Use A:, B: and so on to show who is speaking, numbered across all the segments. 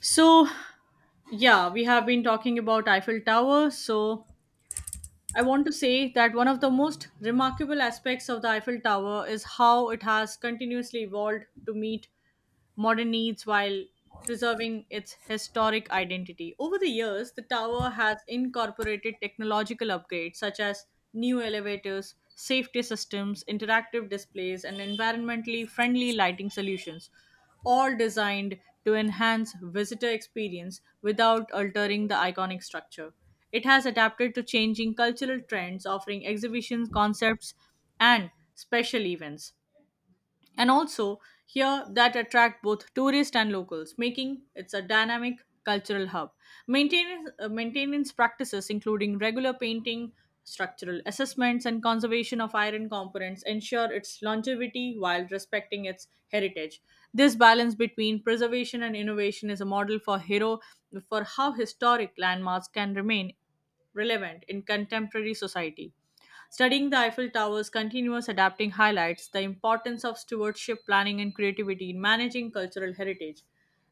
A: So, yeah, we have been talking about Eiffel Tower. So, I want to say that one of the most remarkable aspects of the Eiffel Tower is how it has continuously evolved to meet modern needs while preserving its historic identity. Over the years, the tower has incorporated technological upgrades such as new elevators, safety systems, interactive displays, and environmentally friendly lighting solutions, all designed to enhance visitor experience without altering the iconic structure. It has adapted to changing cultural trends, offering exhibitions, concepts, and special events and also here that attract both tourists and locals, making it's a dynamic cultural hub. Maintenance practices, including regular painting, structural assessments, and conservation of iron components, ensure its longevity while respecting its heritage. This balance between preservation and innovation is a model for how historic landmarks can remain relevant in contemporary society. Studying the Eiffel Tower's continuous adapting highlights the importance of stewardship, planning, and creativity in managing cultural heritage.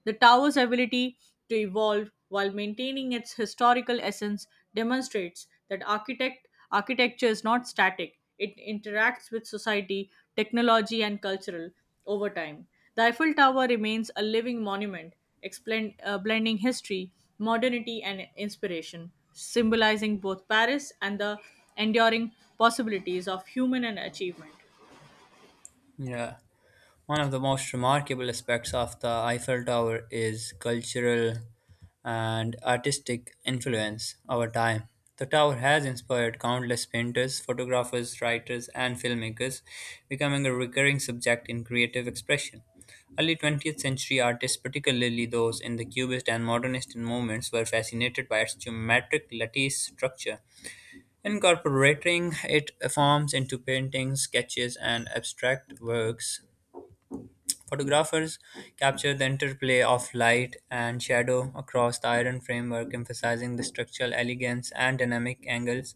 A: The tower's ability to evolve while maintaining its historical essence demonstrates that architecture is not static, it interacts with society, technology, and cultural over time. The Eiffel Tower remains a living monument, blending history, modernity, and inspiration, symbolizing both Paris and the enduring possibilities of human and achievement.
B: Yeah, one of the most remarkable aspects of the Eiffel Tower is cultural and artistic influence over time. The tower has inspired countless painters, photographers, writers, and filmmakers, becoming a recurring subject in creative expression. Early 20th century artists, particularly those in the Cubist and Modernist movements, were fascinated by its geometric lattice structure, incorporating it forms into paintings, sketches, and abstract works. Photographers capture the interplay of light and shadow across the iron framework, emphasizing the structural elegance and dynamic angles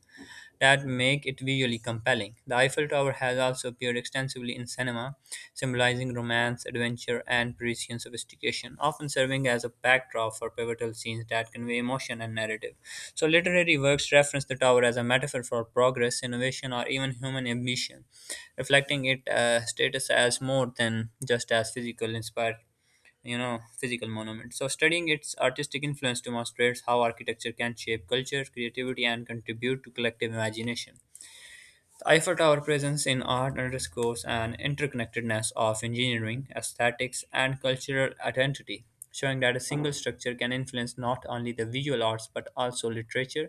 B: that make it visually compelling. The Eiffel Tower has also appeared extensively in cinema, symbolizing romance, adventure, and Parisian sophistication, often serving as a backdrop for pivotal scenes that convey emotion and narrative. So, literary works reference the tower as a metaphor for progress, innovation, or even human ambition, reflecting its status as more than just as physical inspired physical monument. So studying its artistic influence demonstrates how architecture can shape culture, creativity, and contribute to collective imagination. The Eiffel Tower presence in art underscores an interconnectedness of engineering, aesthetics, and cultural identity, showing that a single structure can influence not only the visual arts but also literature,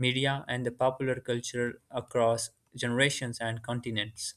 B: media, and the popular culture across generations and continents.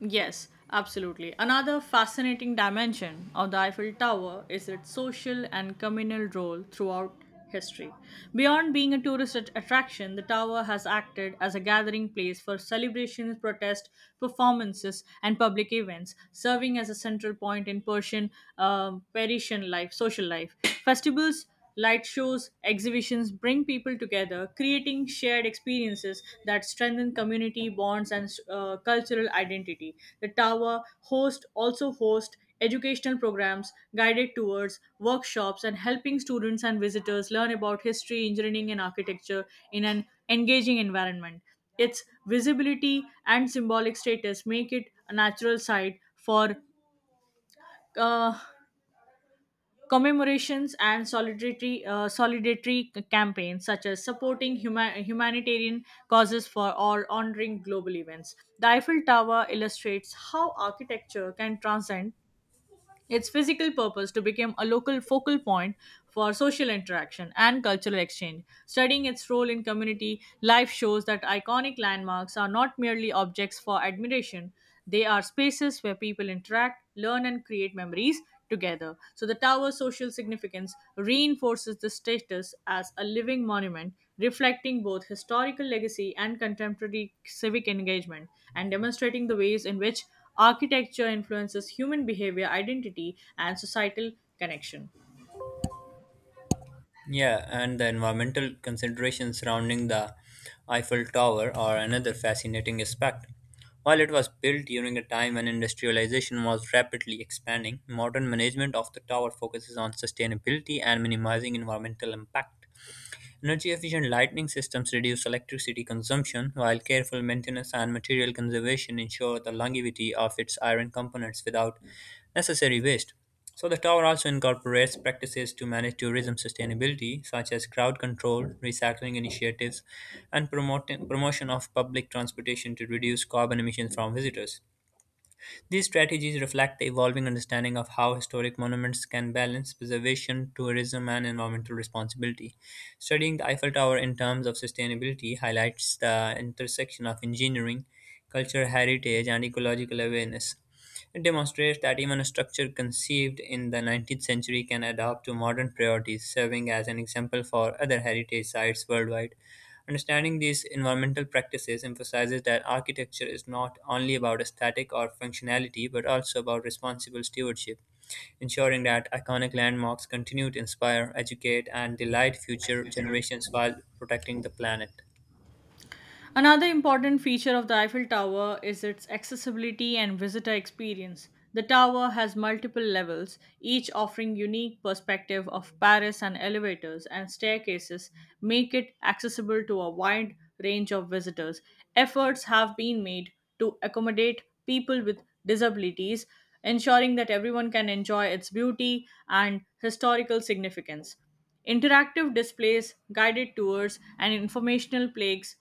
A: Yes, absolutely. Another fascinating dimension of the Eiffel Tower is its social and communal role throughout history. Beyond being a attraction, the tower has acted as a gathering place for celebrations, protests, performances, and public events, serving as a central point in Parisian life, social life. Festivals, light shows, exhibitions bring people together, creating shared experiences that strengthen community bonds and cultural identity. The tower host also hosts educational programs, guided tours, workshops, and helping students and visitors learn about history, engineering, and architecture in an engaging environment. Its visibility and symbolic status make it a natural site for uh, commemorations and solidarity campaigns, such as supporting humanitarian causes for or honoring global events. The Eiffel Tower illustrates how architecture can transcend its physical purpose to become a local focal point for social interaction and cultural exchange. Studying its role in community life shows that iconic landmarks are not merely objects for admiration, they are spaces where people interact, learn, and create memories together. So the tower's social significance reinforces the status as a living monument, reflecting both historical legacy and contemporary civic engagement, and demonstrating the ways in which architecture influences human behavior, identity, and societal connection.
B: Yeah, and the environmental considerations surrounding the Eiffel Tower are another fascinating aspect. While it was built during a time when industrialization was rapidly expanding, modern management of the tower focuses on sustainability and minimizing environmental impact. Energy efficient lighting systems reduce electricity consumption, while careful maintenance and material conservation ensure the longevity of its iron components without necessary waste. So, the tower also incorporates practices to manage tourism sustainability, such as crowd control, recycling initiatives, and promotion of public transportation to reduce carbon emissions from visitors. These strategies reflect the evolving understanding of how historic monuments can balance preservation, tourism, and environmental responsibility. Studying the Eiffel Tower in terms of sustainability highlights the intersection of engineering, cultural heritage, and ecological awareness. It demonstrates that even a structure conceived in the 19th century can adapt to modern priorities, serving as an example for other heritage sites worldwide. Understanding these environmental practices emphasizes that architecture is not only about aesthetic or functionality, but also about responsible stewardship, ensuring that iconic landmarks continue to inspire, educate, and delight future generations while protecting the planet.
A: Another important feature of the Eiffel Tower is its accessibility and visitor experience. The tower has multiple levels, each offering unique perspective of Paris, and elevators and staircases make it accessible to a wide range of visitors. Efforts have been made to accommodate people with disabilities, ensuring that everyone can enjoy its beauty and historical significance. Interactive displays, guided tours, and informational plaques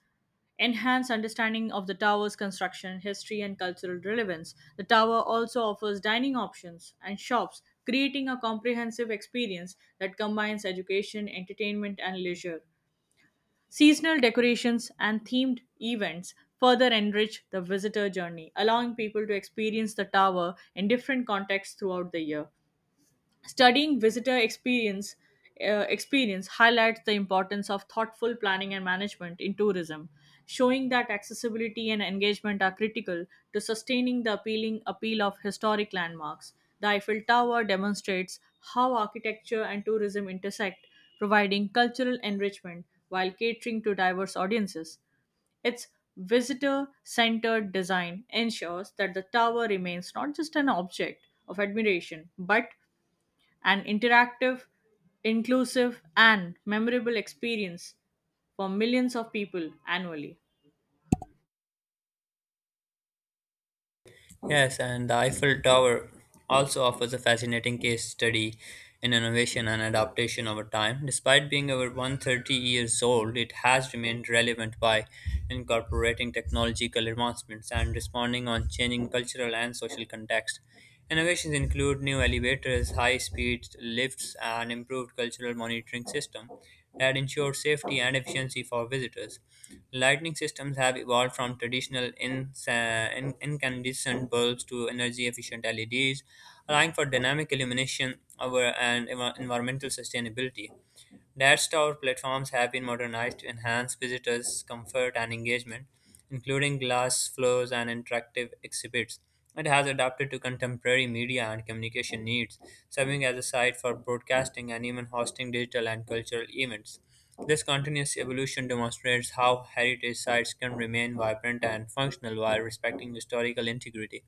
A: enhance understanding of the tower's construction, history, and cultural relevance. The tower also offers dining options and shops, creating a comprehensive experience that combines education, entertainment, and leisure. Seasonal decorations and themed events further enrich the visitor journey, allowing people to experience the tower in different contexts throughout the year. Studying visitor experience highlights the importance of thoughtful planning and management in tourism, showing that accessibility and engagement are critical to sustaining the appealing appeal of historic landmarks. The Eiffel Tower demonstrates how architecture and tourism intersect, providing cultural enrichment while catering to diverse audiences. Its visitor centered design ensures that the tower remains not just an object of admiration but an interactive, inclusive, and memorable experience for millions of people annually.
B: Yes, and the Eiffel Tower also offers a fascinating case study in innovation and adaptation over time. Despite being over 130 years old, it has remained relevant by incorporating technological advancements and responding on changing cultural and social context. Innovations include new elevators, high speed lifts, and improved cultural monitoring system that ensure safety and efficiency for visitors. Lighting systems have evolved from traditional incandescent bulbs to energy efficient LEDs, allowing for dynamic illumination over and environmental sustainability. Dash Tower platforms have been modernized to enhance visitors' comfort and engagement, including glass floors and interactive exhibits. It has adapted to contemporary media and communication needs, serving as a site for broadcasting and even hosting digital and cultural events. This continuous evolution demonstrates how heritage sites can remain vibrant and functional while respecting historical integrity.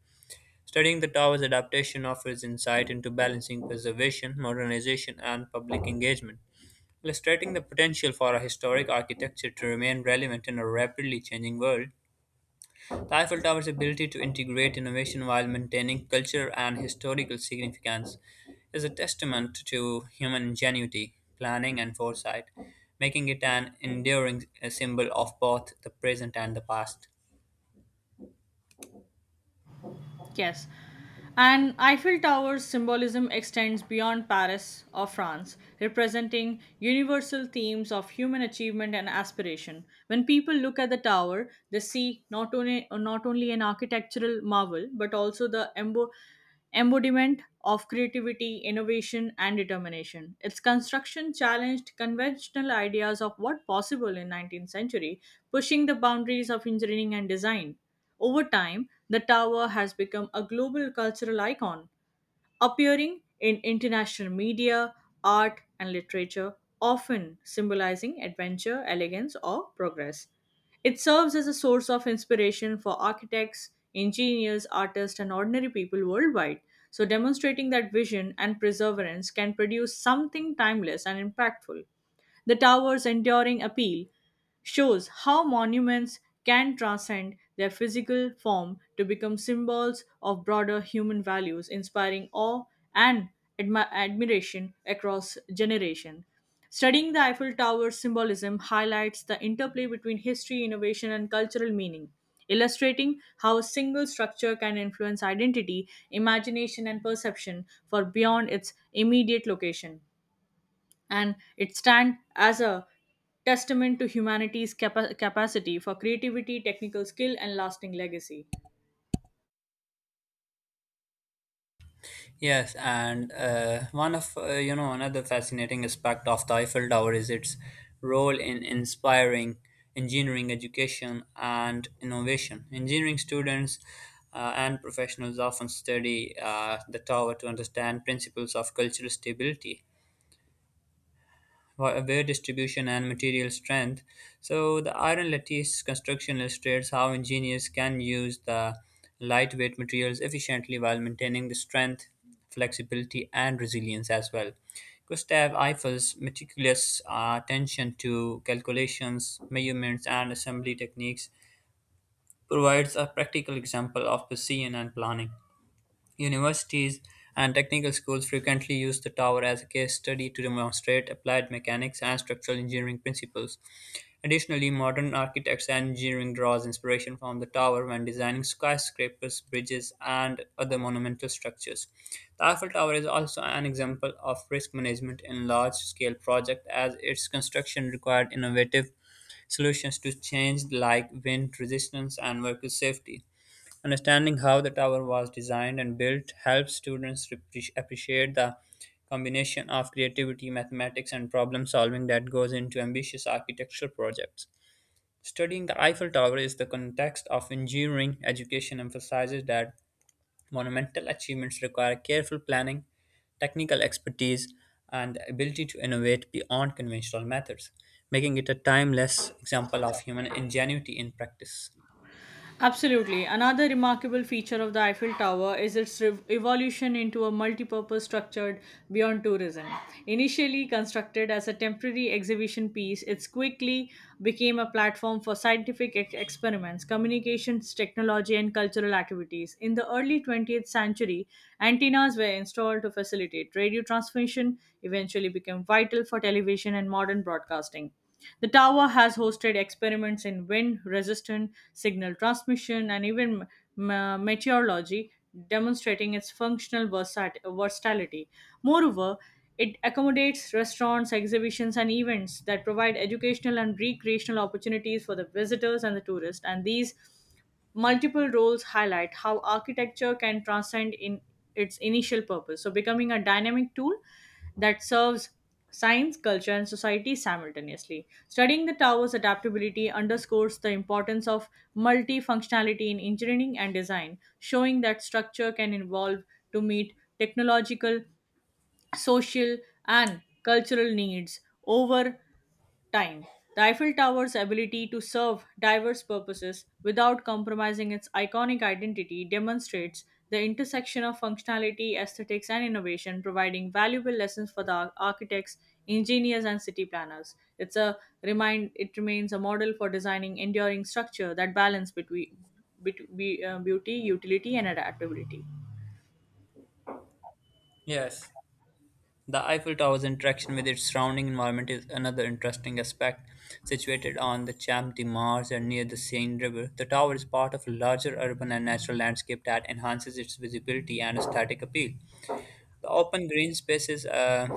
B: Studying the tower's adaptation offers insight into balancing preservation, modernization, and public engagement. Illustrating the potential for a historic architecture to remain relevant in a rapidly changing world, the Eiffel Tower's ability to integrate innovation while maintaining culture and historical significance is a testament to human ingenuity, planning, and foresight, making it an enduring symbol of both the present and the past.
A: Yes. And Eiffel Tower's symbolism extends beyond Paris or France, representing universal themes of human achievement and aspiration. When people look at the tower, they see not only an architectural marvel but also the embodiment of creativity, innovation, and determination. Its construction challenged conventional ideas of what possible in 19th century, pushing the boundaries of engineering and design. Over time, the tower has become a global cultural icon, appearing in international media, art, and literature, often symbolizing adventure, elegance, or progress. It serves as a source of inspiration for architects, engineers, artists, and ordinary people worldwide. So, demonstrating that vision and perseverance can produce something timeless and impactful. The tower's enduring appeal shows how monuments can transcend their physical form to become symbols of broader human values, inspiring awe and admiration across generations. Studying the Eiffel Tower's symbolism highlights the interplay between history, innovation, and cultural meaning, illustrating how a single structure can influence identity, imagination, and perception for beyond its immediate location, and it stands as a testament to humanity's capacity for creativity, technical skill, and lasting legacy.
B: Yes, and one of you know another fascinating aspect of the Eiffel Tower is its role in inspiring engineering education and innovation. Engineering students and professionals often study the tower to understand principles of cultural stability, wear distribution, and material strength. So the iron lattice construction illustrates how engineers can use the lightweight materials efficiently while maintaining the strength, flexibility, and resilience as well. Gustav Eiffel's meticulous attention to calculations, measurements, and assembly techniques provides a practical example of precision and planning. Universities and technical schools frequently use the tower as a case study to demonstrate applied mechanics and structural engineering principles. Additionally, modern architects and engineering draws inspiration from the tower when designing skyscrapers, bridges, and other monumental structures. The Eiffel Tower is also an example of risk management in large-scale projects, as its construction required innovative solutions to change like wind resistance and worker safety. Understanding how the tower was designed and built helps students appreciate the combination of creativity, mathematics, and problem solving that goes into ambitious architectural projects. Studying the Eiffel Tower is the context of engineering education emphasizes that monumental achievements require careful planning, technical expertise, and the ability to innovate beyond conventional methods, making it a timeless example of human ingenuity in practice.
A: Absolutely. Another remarkable feature of the Eiffel Tower is its evolution into a multi-purpose structure beyond tourism. Initially constructed as a temporary exhibition piece, it quickly became a platform for scientific experiments, communications, technology, and cultural activities. In the early 20th century, antennas were installed to facilitate radio transmission, eventually became vital for television and modern broadcasting. The tower has hosted experiments in wind resistance, signal transmission, and even meteorology, demonstrating its functional versatility. Moreover, it accommodates restaurants, exhibitions, and events that provide educational and recreational opportunities for the visitors and the tourists. And these multiple roles highlight how architecture can transcend in its initial purpose, so becoming a dynamic tool that serves science, culture, and society simultaneously. Studying the tower's adaptability underscores the importance of multifunctionality in engineering and design, showing that structure can evolve to meet technological, social, and cultural needs over time. The Eiffel Tower's ability to serve diverse purposes without compromising its iconic identity demonstrates the intersection of functionality, aesthetics, and innovation, providing valuable lessons for the architects, engineers, and city planners. It's a remind. It remains a model for designing enduring structure that balance between beauty, utility, and adaptability.
B: Yes, the Eiffel Tower's interaction with its surrounding environment is another interesting aspect. Situated on the Champ de Mars and near the Seine River, the tower is part of a larger urban and natural landscape that enhances its visibility and aesthetic appeal. The open green spaces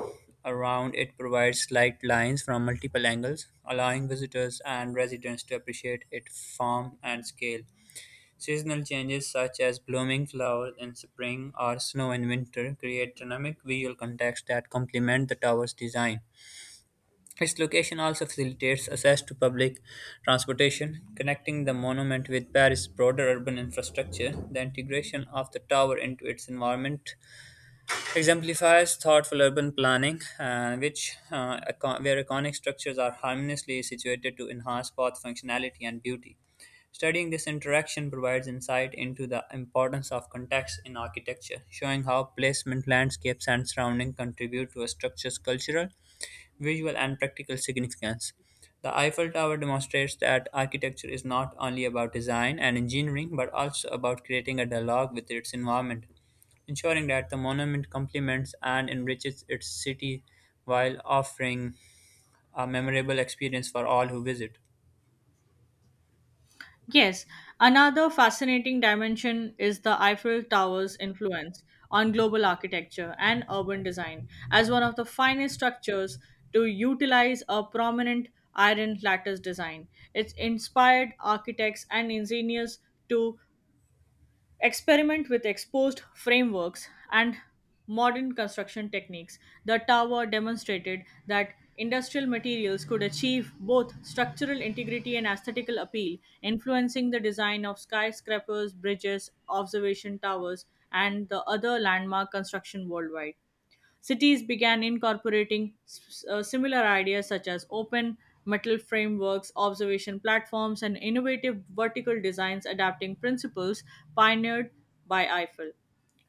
B: around it provide slight lines from multiple angles, allowing visitors and residents to appreciate its form and scale. Seasonal changes such as blooming flowers in spring or snow in winter create dynamic visual contexts that complement the tower's design. Its location also facilitates access to public transportation, connecting the monument with Paris' broader urban infrastructure. The integration of the tower into its environment exemplifies thoughtful urban planning, where iconic structures are harmoniously situated to enhance both functionality and beauty. Studying this interaction provides insight into the importance of context in architecture, showing how placement, landscapes, and surrounding contribute to a structure's cultural, visual, and practical significance. The Eiffel Tower demonstrates that architecture is not only about design and engineering but also about creating a dialogue with its environment, ensuring that the monument complements and enriches its city while offering a memorable experience for all who visit.
A: Yes, another fascinating dimension is the Eiffel Tower's influence on global architecture and urban design as one of the finest structures to utilize a prominent iron lattice design. It's inspired architects and engineers to experiment with exposed frameworks and modern construction techniques. The tower demonstrated that industrial materials could achieve both structural integrity and aesthetical appeal, influencing the design of skyscrapers, bridges, observation towers, and the other landmark construction worldwide. Cities began incorporating similar ideas such as open metal frameworks, observation platforms, and innovative vertical designs, adapting principles pioneered by Eiffel.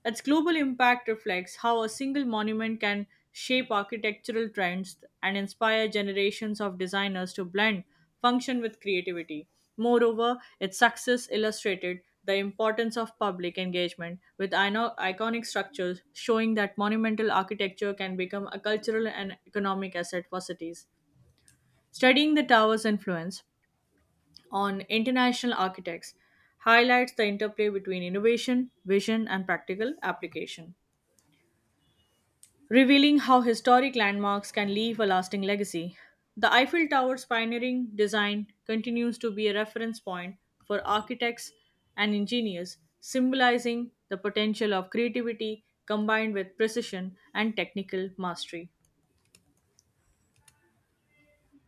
A: Its global impact reflects how a single monument can shape architectural trends, and inspire generations of designers to blend function with creativity. Moreover, its success illustrated the importance of public engagement with iconic structures, showing that monumental architecture can become a cultural and economic asset for cities. Studying the tower's influence on international architects highlights the interplay between innovation, vision, and practical application, revealing how historic landmarks can leave a lasting legacy. The Eiffel Tower's pioneering design continues to be a reference point for architects and engineers, symbolizing the potential of creativity combined with precision and technical mastery.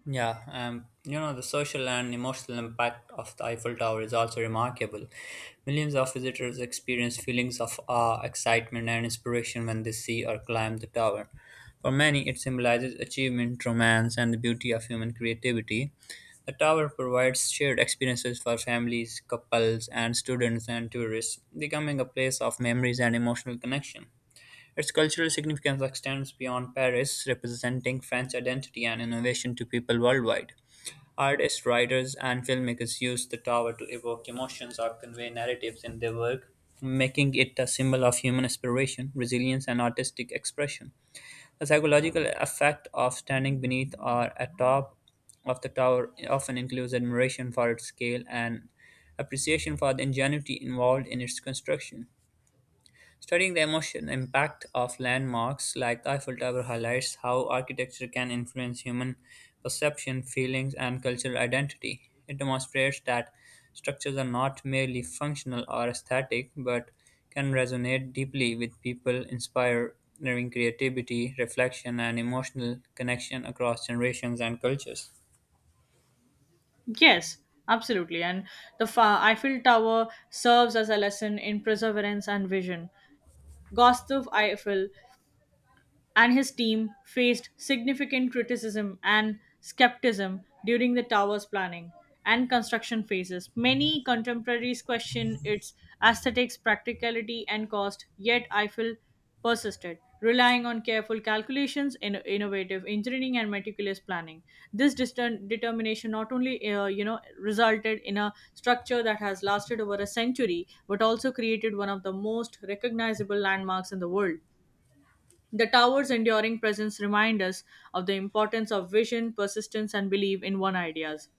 B: Yeah, the social and emotional impact of the Eiffel Tower is also remarkable. Millions of visitors experience feelings of awe, excitement, and inspiration when they see or climb the tower. For many, it symbolizes achievement, romance, and the beauty of human creativity. The tower provides shared experiences for families, couples, and students and tourists, becoming a place of memories and emotional connection. Its cultural significance extends beyond Paris, representing French identity and innovation to people worldwide. Artists, writers, and filmmakers used the tower to evoke emotions or convey narratives in their work, making it a symbol of human aspiration, resilience, and artistic expression. The psychological effect of standing beneath or atop of the tower often includes admiration for its scale and appreciation for the ingenuity involved in its construction. Studying the emotion impact of landmarks like the Eiffel Tower highlights how architecture can influence human perception, feelings, and cultural identity. It demonstrates that structures are not merely functional or aesthetic, but can resonate deeply with people, inspiring creativity, reflection, and emotional connection across generations and cultures.
A: Yes, absolutely. And the Eiffel Tower serves as a lesson in perseverance and vision. Gustave Eiffel and his team faced significant criticism and skepticism during the tower's planning and construction phases. Many contemporaries question its aesthetics, practicality, and cost, yet Eiffel persisted, relying on careful calculations, innovative engineering, and meticulous planning. This determination not only resulted in a structure that has lasted over a century, but also created one of the most recognizable landmarks in the world. The tower's enduring presence reminds us of the importance of vision, persistence, and belief in one's ideas,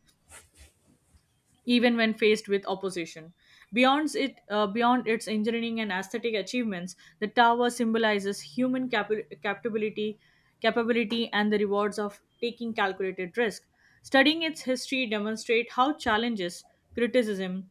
A: even when faced with opposition. Beyond its engineering and aesthetic achievements, the tower symbolizes capability and the rewards of taking calculated risk. Studying its history demonstrates how challenges, criticism,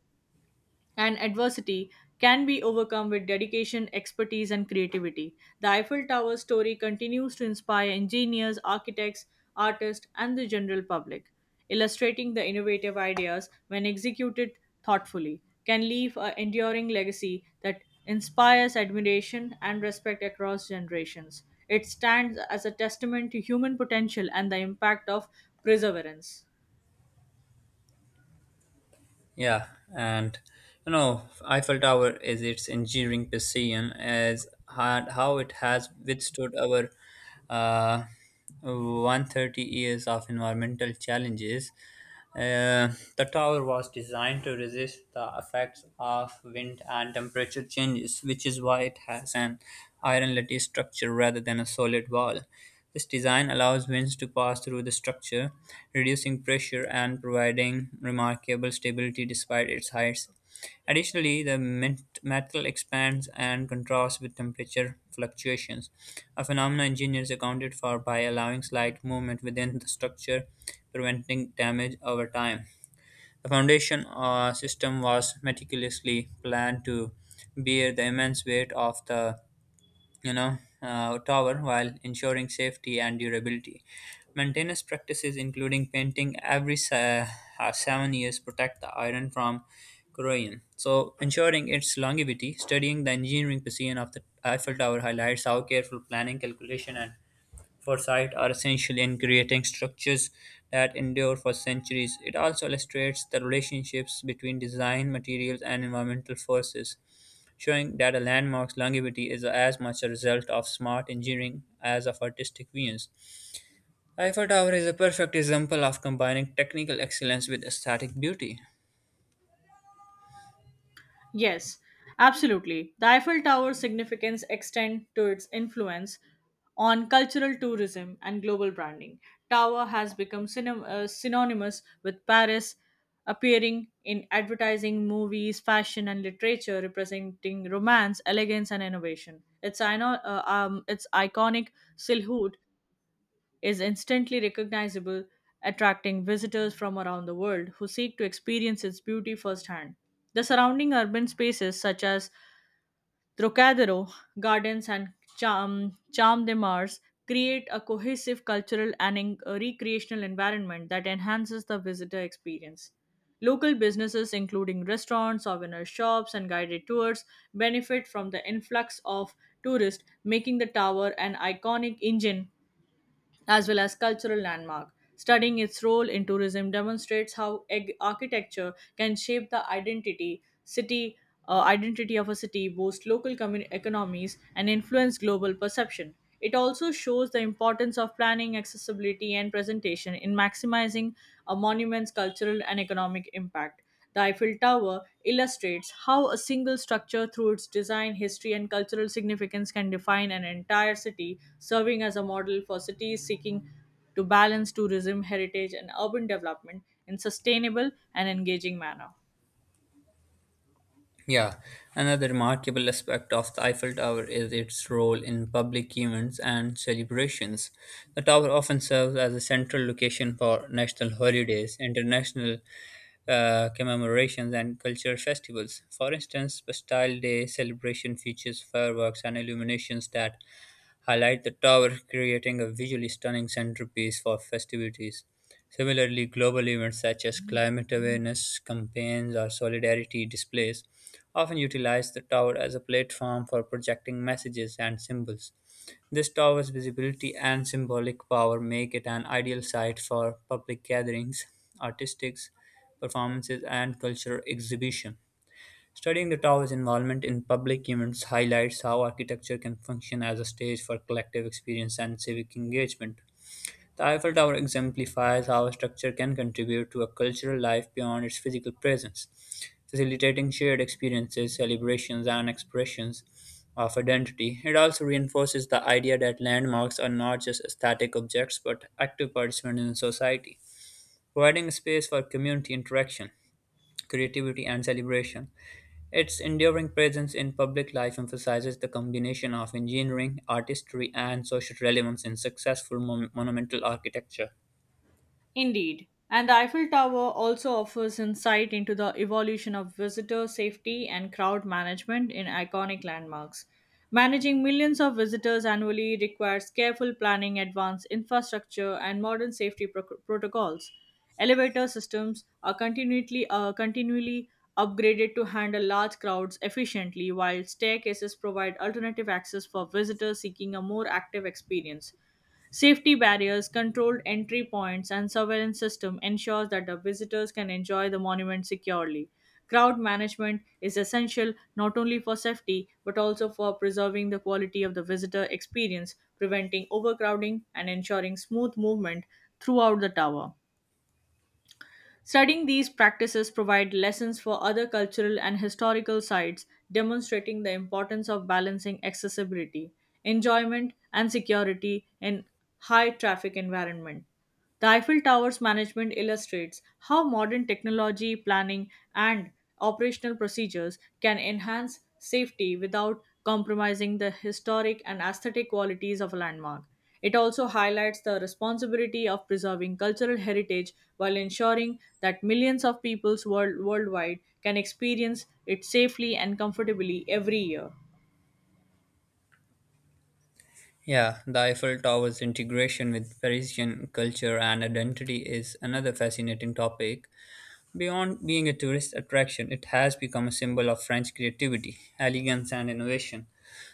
A: and adversity can be overcome with dedication, expertise, and creativity. The Eiffel Tower story continues to inspire engineers, architects, artists, and the general public, illustrating the innovative ideas, when executed thoughtfully, can leave an enduring legacy that inspires admiration and respect across generations. It stands as a testament to human potential and the impact of perseverance.
B: Yeah, and Eiffel Tower is its engineering precision as hard how it has withstood over, uh, 130 years of environmental challenges. uh, the tower was designed to resist the effects of wind and temperature changes, which is why it has an iron lattice structure rather than a solid wall. This design allows winds to pass through the structure, reducing pressure and providing remarkable stability despite its height. Additionally, the metal expands and contrasts with temperature fluctuations, a phenomenon engineers accounted for by allowing slight movement within the structure, preventing damage over time. The foundation system was meticulously planned to bear the immense weight of the tower while ensuring safety and durability. Maintenance practices including painting every 7 years protect the iron from corrosion, so ensuring its longevity. Studying the engineering design of the Eiffel Tower highlights how careful planning, calculation, and foresight are essential in creating structures that endure for centuries. It also illustrates the relationships between design, materials, and environmental forces, showing that a landmark's longevity is as much a result of smart engineering as of artistic genius. Eiffel Tower is a perfect example of combining technical excellence with aesthetic beauty.
A: Yes, absolutely. The Eiffel Tower's significance extends to its influence on cultural tourism and global branding. Tower has become synonymous with Paris, appearing in advertising, movies, fashion, and literature, representing romance, elegance, and innovation. Its iconic silhouette is instantly recognizable, attracting visitors from around the world who seek to experience its beauty firsthand. The surrounding urban spaces, such as Trocadero Gardens and Champ de Mars, create a cohesive cultural and a recreational environment that enhances the visitor experience. Local businesses, including restaurants, souvenir shops, and guided tours, benefit from the influx of tourists, making the tower an iconic engine as well as cultural landmark. Studying its role in tourism demonstrates how architecture can shape the identity of a city, boost local economies, and influence global perception. It also shows the importance of planning, accessibility, and presentation in maximizing a monument's cultural and economic impact. The Eiffel Tower illustrates how a single structure, through its design, history, and cultural significance, can define an entire city, serving as a model for cities seeking to balance tourism, heritage, and urban development in sustainable and engaging manner.
B: Yeah, another remarkable aspect of the Eiffel Tower is its role in public events and celebrations. The tower often serves as a central location for national holidays, international commemorations, and cultural festivals. For instance, Bastille Day celebration features fireworks and illuminations that highlight the tower, creating a visually stunning centerpiece for festivities. Similarly, global events such as climate awareness campaigns or solidarity displays often utilize the tower as a platform for projecting messages and symbols. This tower's visibility and symbolic power make it an ideal site for public gatherings, artistics, performances, and cultural exhibition. Studying the tower's involvement in public events highlights how architecture can function as a stage for collective experience and civic engagement. The Eiffel Tower exemplifies how a structure can contribute to a cultural life beyond its physical presence, facilitating shared experiences, celebrations, and expressions of identity. It also reinforces the idea that landmarks are not just static objects but active participants in society, providing a space for community interaction, creativity, and celebration. Its enduring presence in public life emphasizes the combination of engineering, artistry, and social relevance in successful monumental architecture.
A: Indeed, and the Eiffel Tower also offers insight into the evolution of visitor safety and crowd management in iconic landmarks. Managing millions of visitors annually requires careful planning, advanced infrastructure, and modern safety protocols. Elevator systems are continually upgraded to handle large crowds efficiently, while staircases provide alternative access for visitors seeking a more active experience. Safety barriers, controlled entry points, and surveillance system ensures that the visitors can enjoy the monument securely. Crowd management is essential not only for safety but also for preserving the quality of the visitor experience, preventing overcrowding and ensuring smooth movement throughout the tower. Studying these practices provide lessons for other cultural and historical sites, demonstrating the importance of balancing accessibility, enjoyment, and security in high traffic environment. The Eiffel Tower's management illustrates how modern technology, planning, and operational procedures can enhance safety without compromising the historic and aesthetic qualities of a landmark. It also highlights the responsibility of preserving cultural heritage while ensuring that millions of worldwide can experience it safely and comfortably every year.
B: Yeah, the Eiffel Tower's integration with Parisian culture and identity is another fascinating topic. Beyond being a tourist attraction, it has become a symbol of French creativity, elegance, and innovation.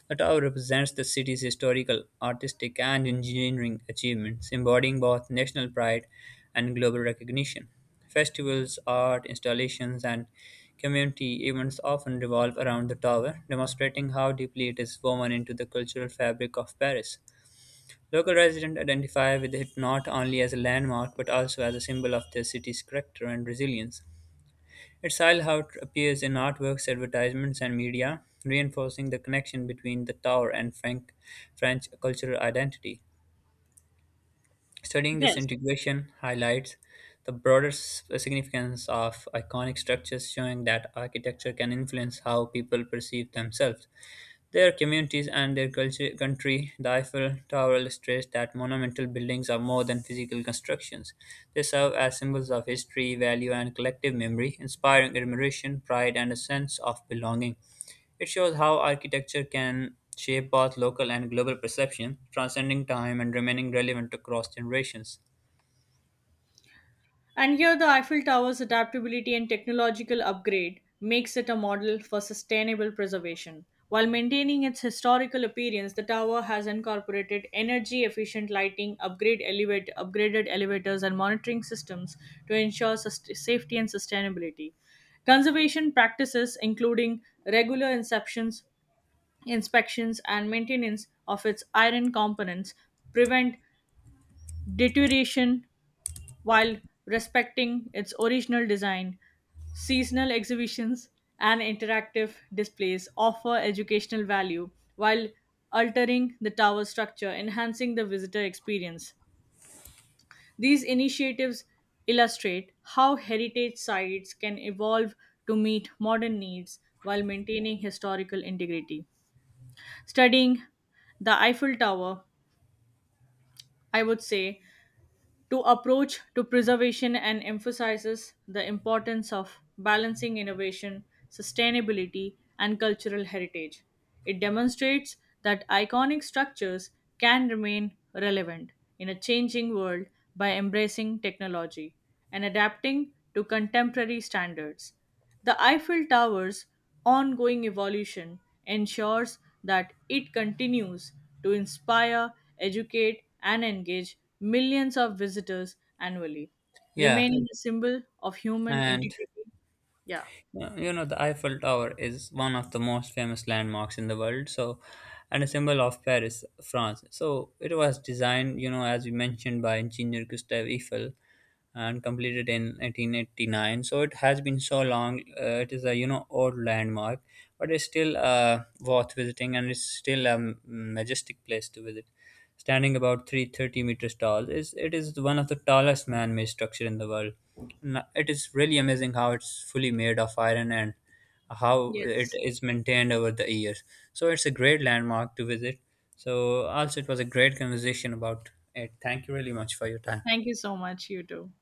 B: The tower represents the city's historical, artistic, and engineering achievements, embodying both national pride and global recognition. Festivals, art installations, and community events often revolve around the tower, demonstrating how deeply it is woven into the cultural fabric of Paris. Local residents identify with it not only as a landmark but also as a symbol of their city's character and resilience. Its style how it appears in artworks, advertisements, and media, reinforcing the connection between the tower and French cultural identity. Studying this
A: Yes,
B: integration highlights the broader significance of iconic structures, showing that architecture can influence how people perceive themselves. Their communities and their culture, country, the Eiffel Tower illustrates that monumental buildings are more than physical constructions. They serve as symbols of history, value, and collective memory, inspiring admiration, pride, and a sense of belonging. It shows how architecture can shape both local and global perception, transcending time and remaining relevant across generations.
A: and here, the Eiffel Tower's adaptability and technological upgrade makes it a model for sustainable preservation. While maintaining its historical appearance, the tower has incorporated energy efficient lighting, upgraded elevators, and monitoring systems to ensure safety and sustainability. Conservation practices, including inspections and maintenance of its iron components, prevent deterioration while respecting its original design. Seasonal exhibitions and interactive displays offer educational value while altering the tower structure, enhancing the visitor experience. These initiatives illustrate how heritage sites can evolve to meet modern needs while maintaining historical integrity. Studying the Eiffel Tower, I would say, to approach to preservation and emphasizes the importance of balancing innovation, sustainability, and cultural heritage. It demonstrates that iconic structures can remain relevant in a changing world by embracing technology and adapting to contemporary standards. The Eiffel Tower's ongoing evolution ensures that it continues to inspire, educate, and engage millions of visitors annually,
B: Yeah,
A: remaining a symbol of human
B: and
A: integrity. Yeah.
B: The Eiffel Tower is one of the most famous landmarks in the world, so and a symbol of Paris, France. So it was designed, you know, as we mentioned by engineer Gustave Eiffel, and completed in 1889, so it has been so long. It is a old landmark, but it's still worth visiting, and it's still a majestic place to visit, standing about 330 meters tall. Is it is one of the tallest man-made structure in the world. It is really amazing how it's fully made of iron and how it
A: Yes.
B: is maintained over the years. So it's a great landmark to visit. So also it was a great conversation about it. Thank you really much for your time.
A: Thank you so much, you too.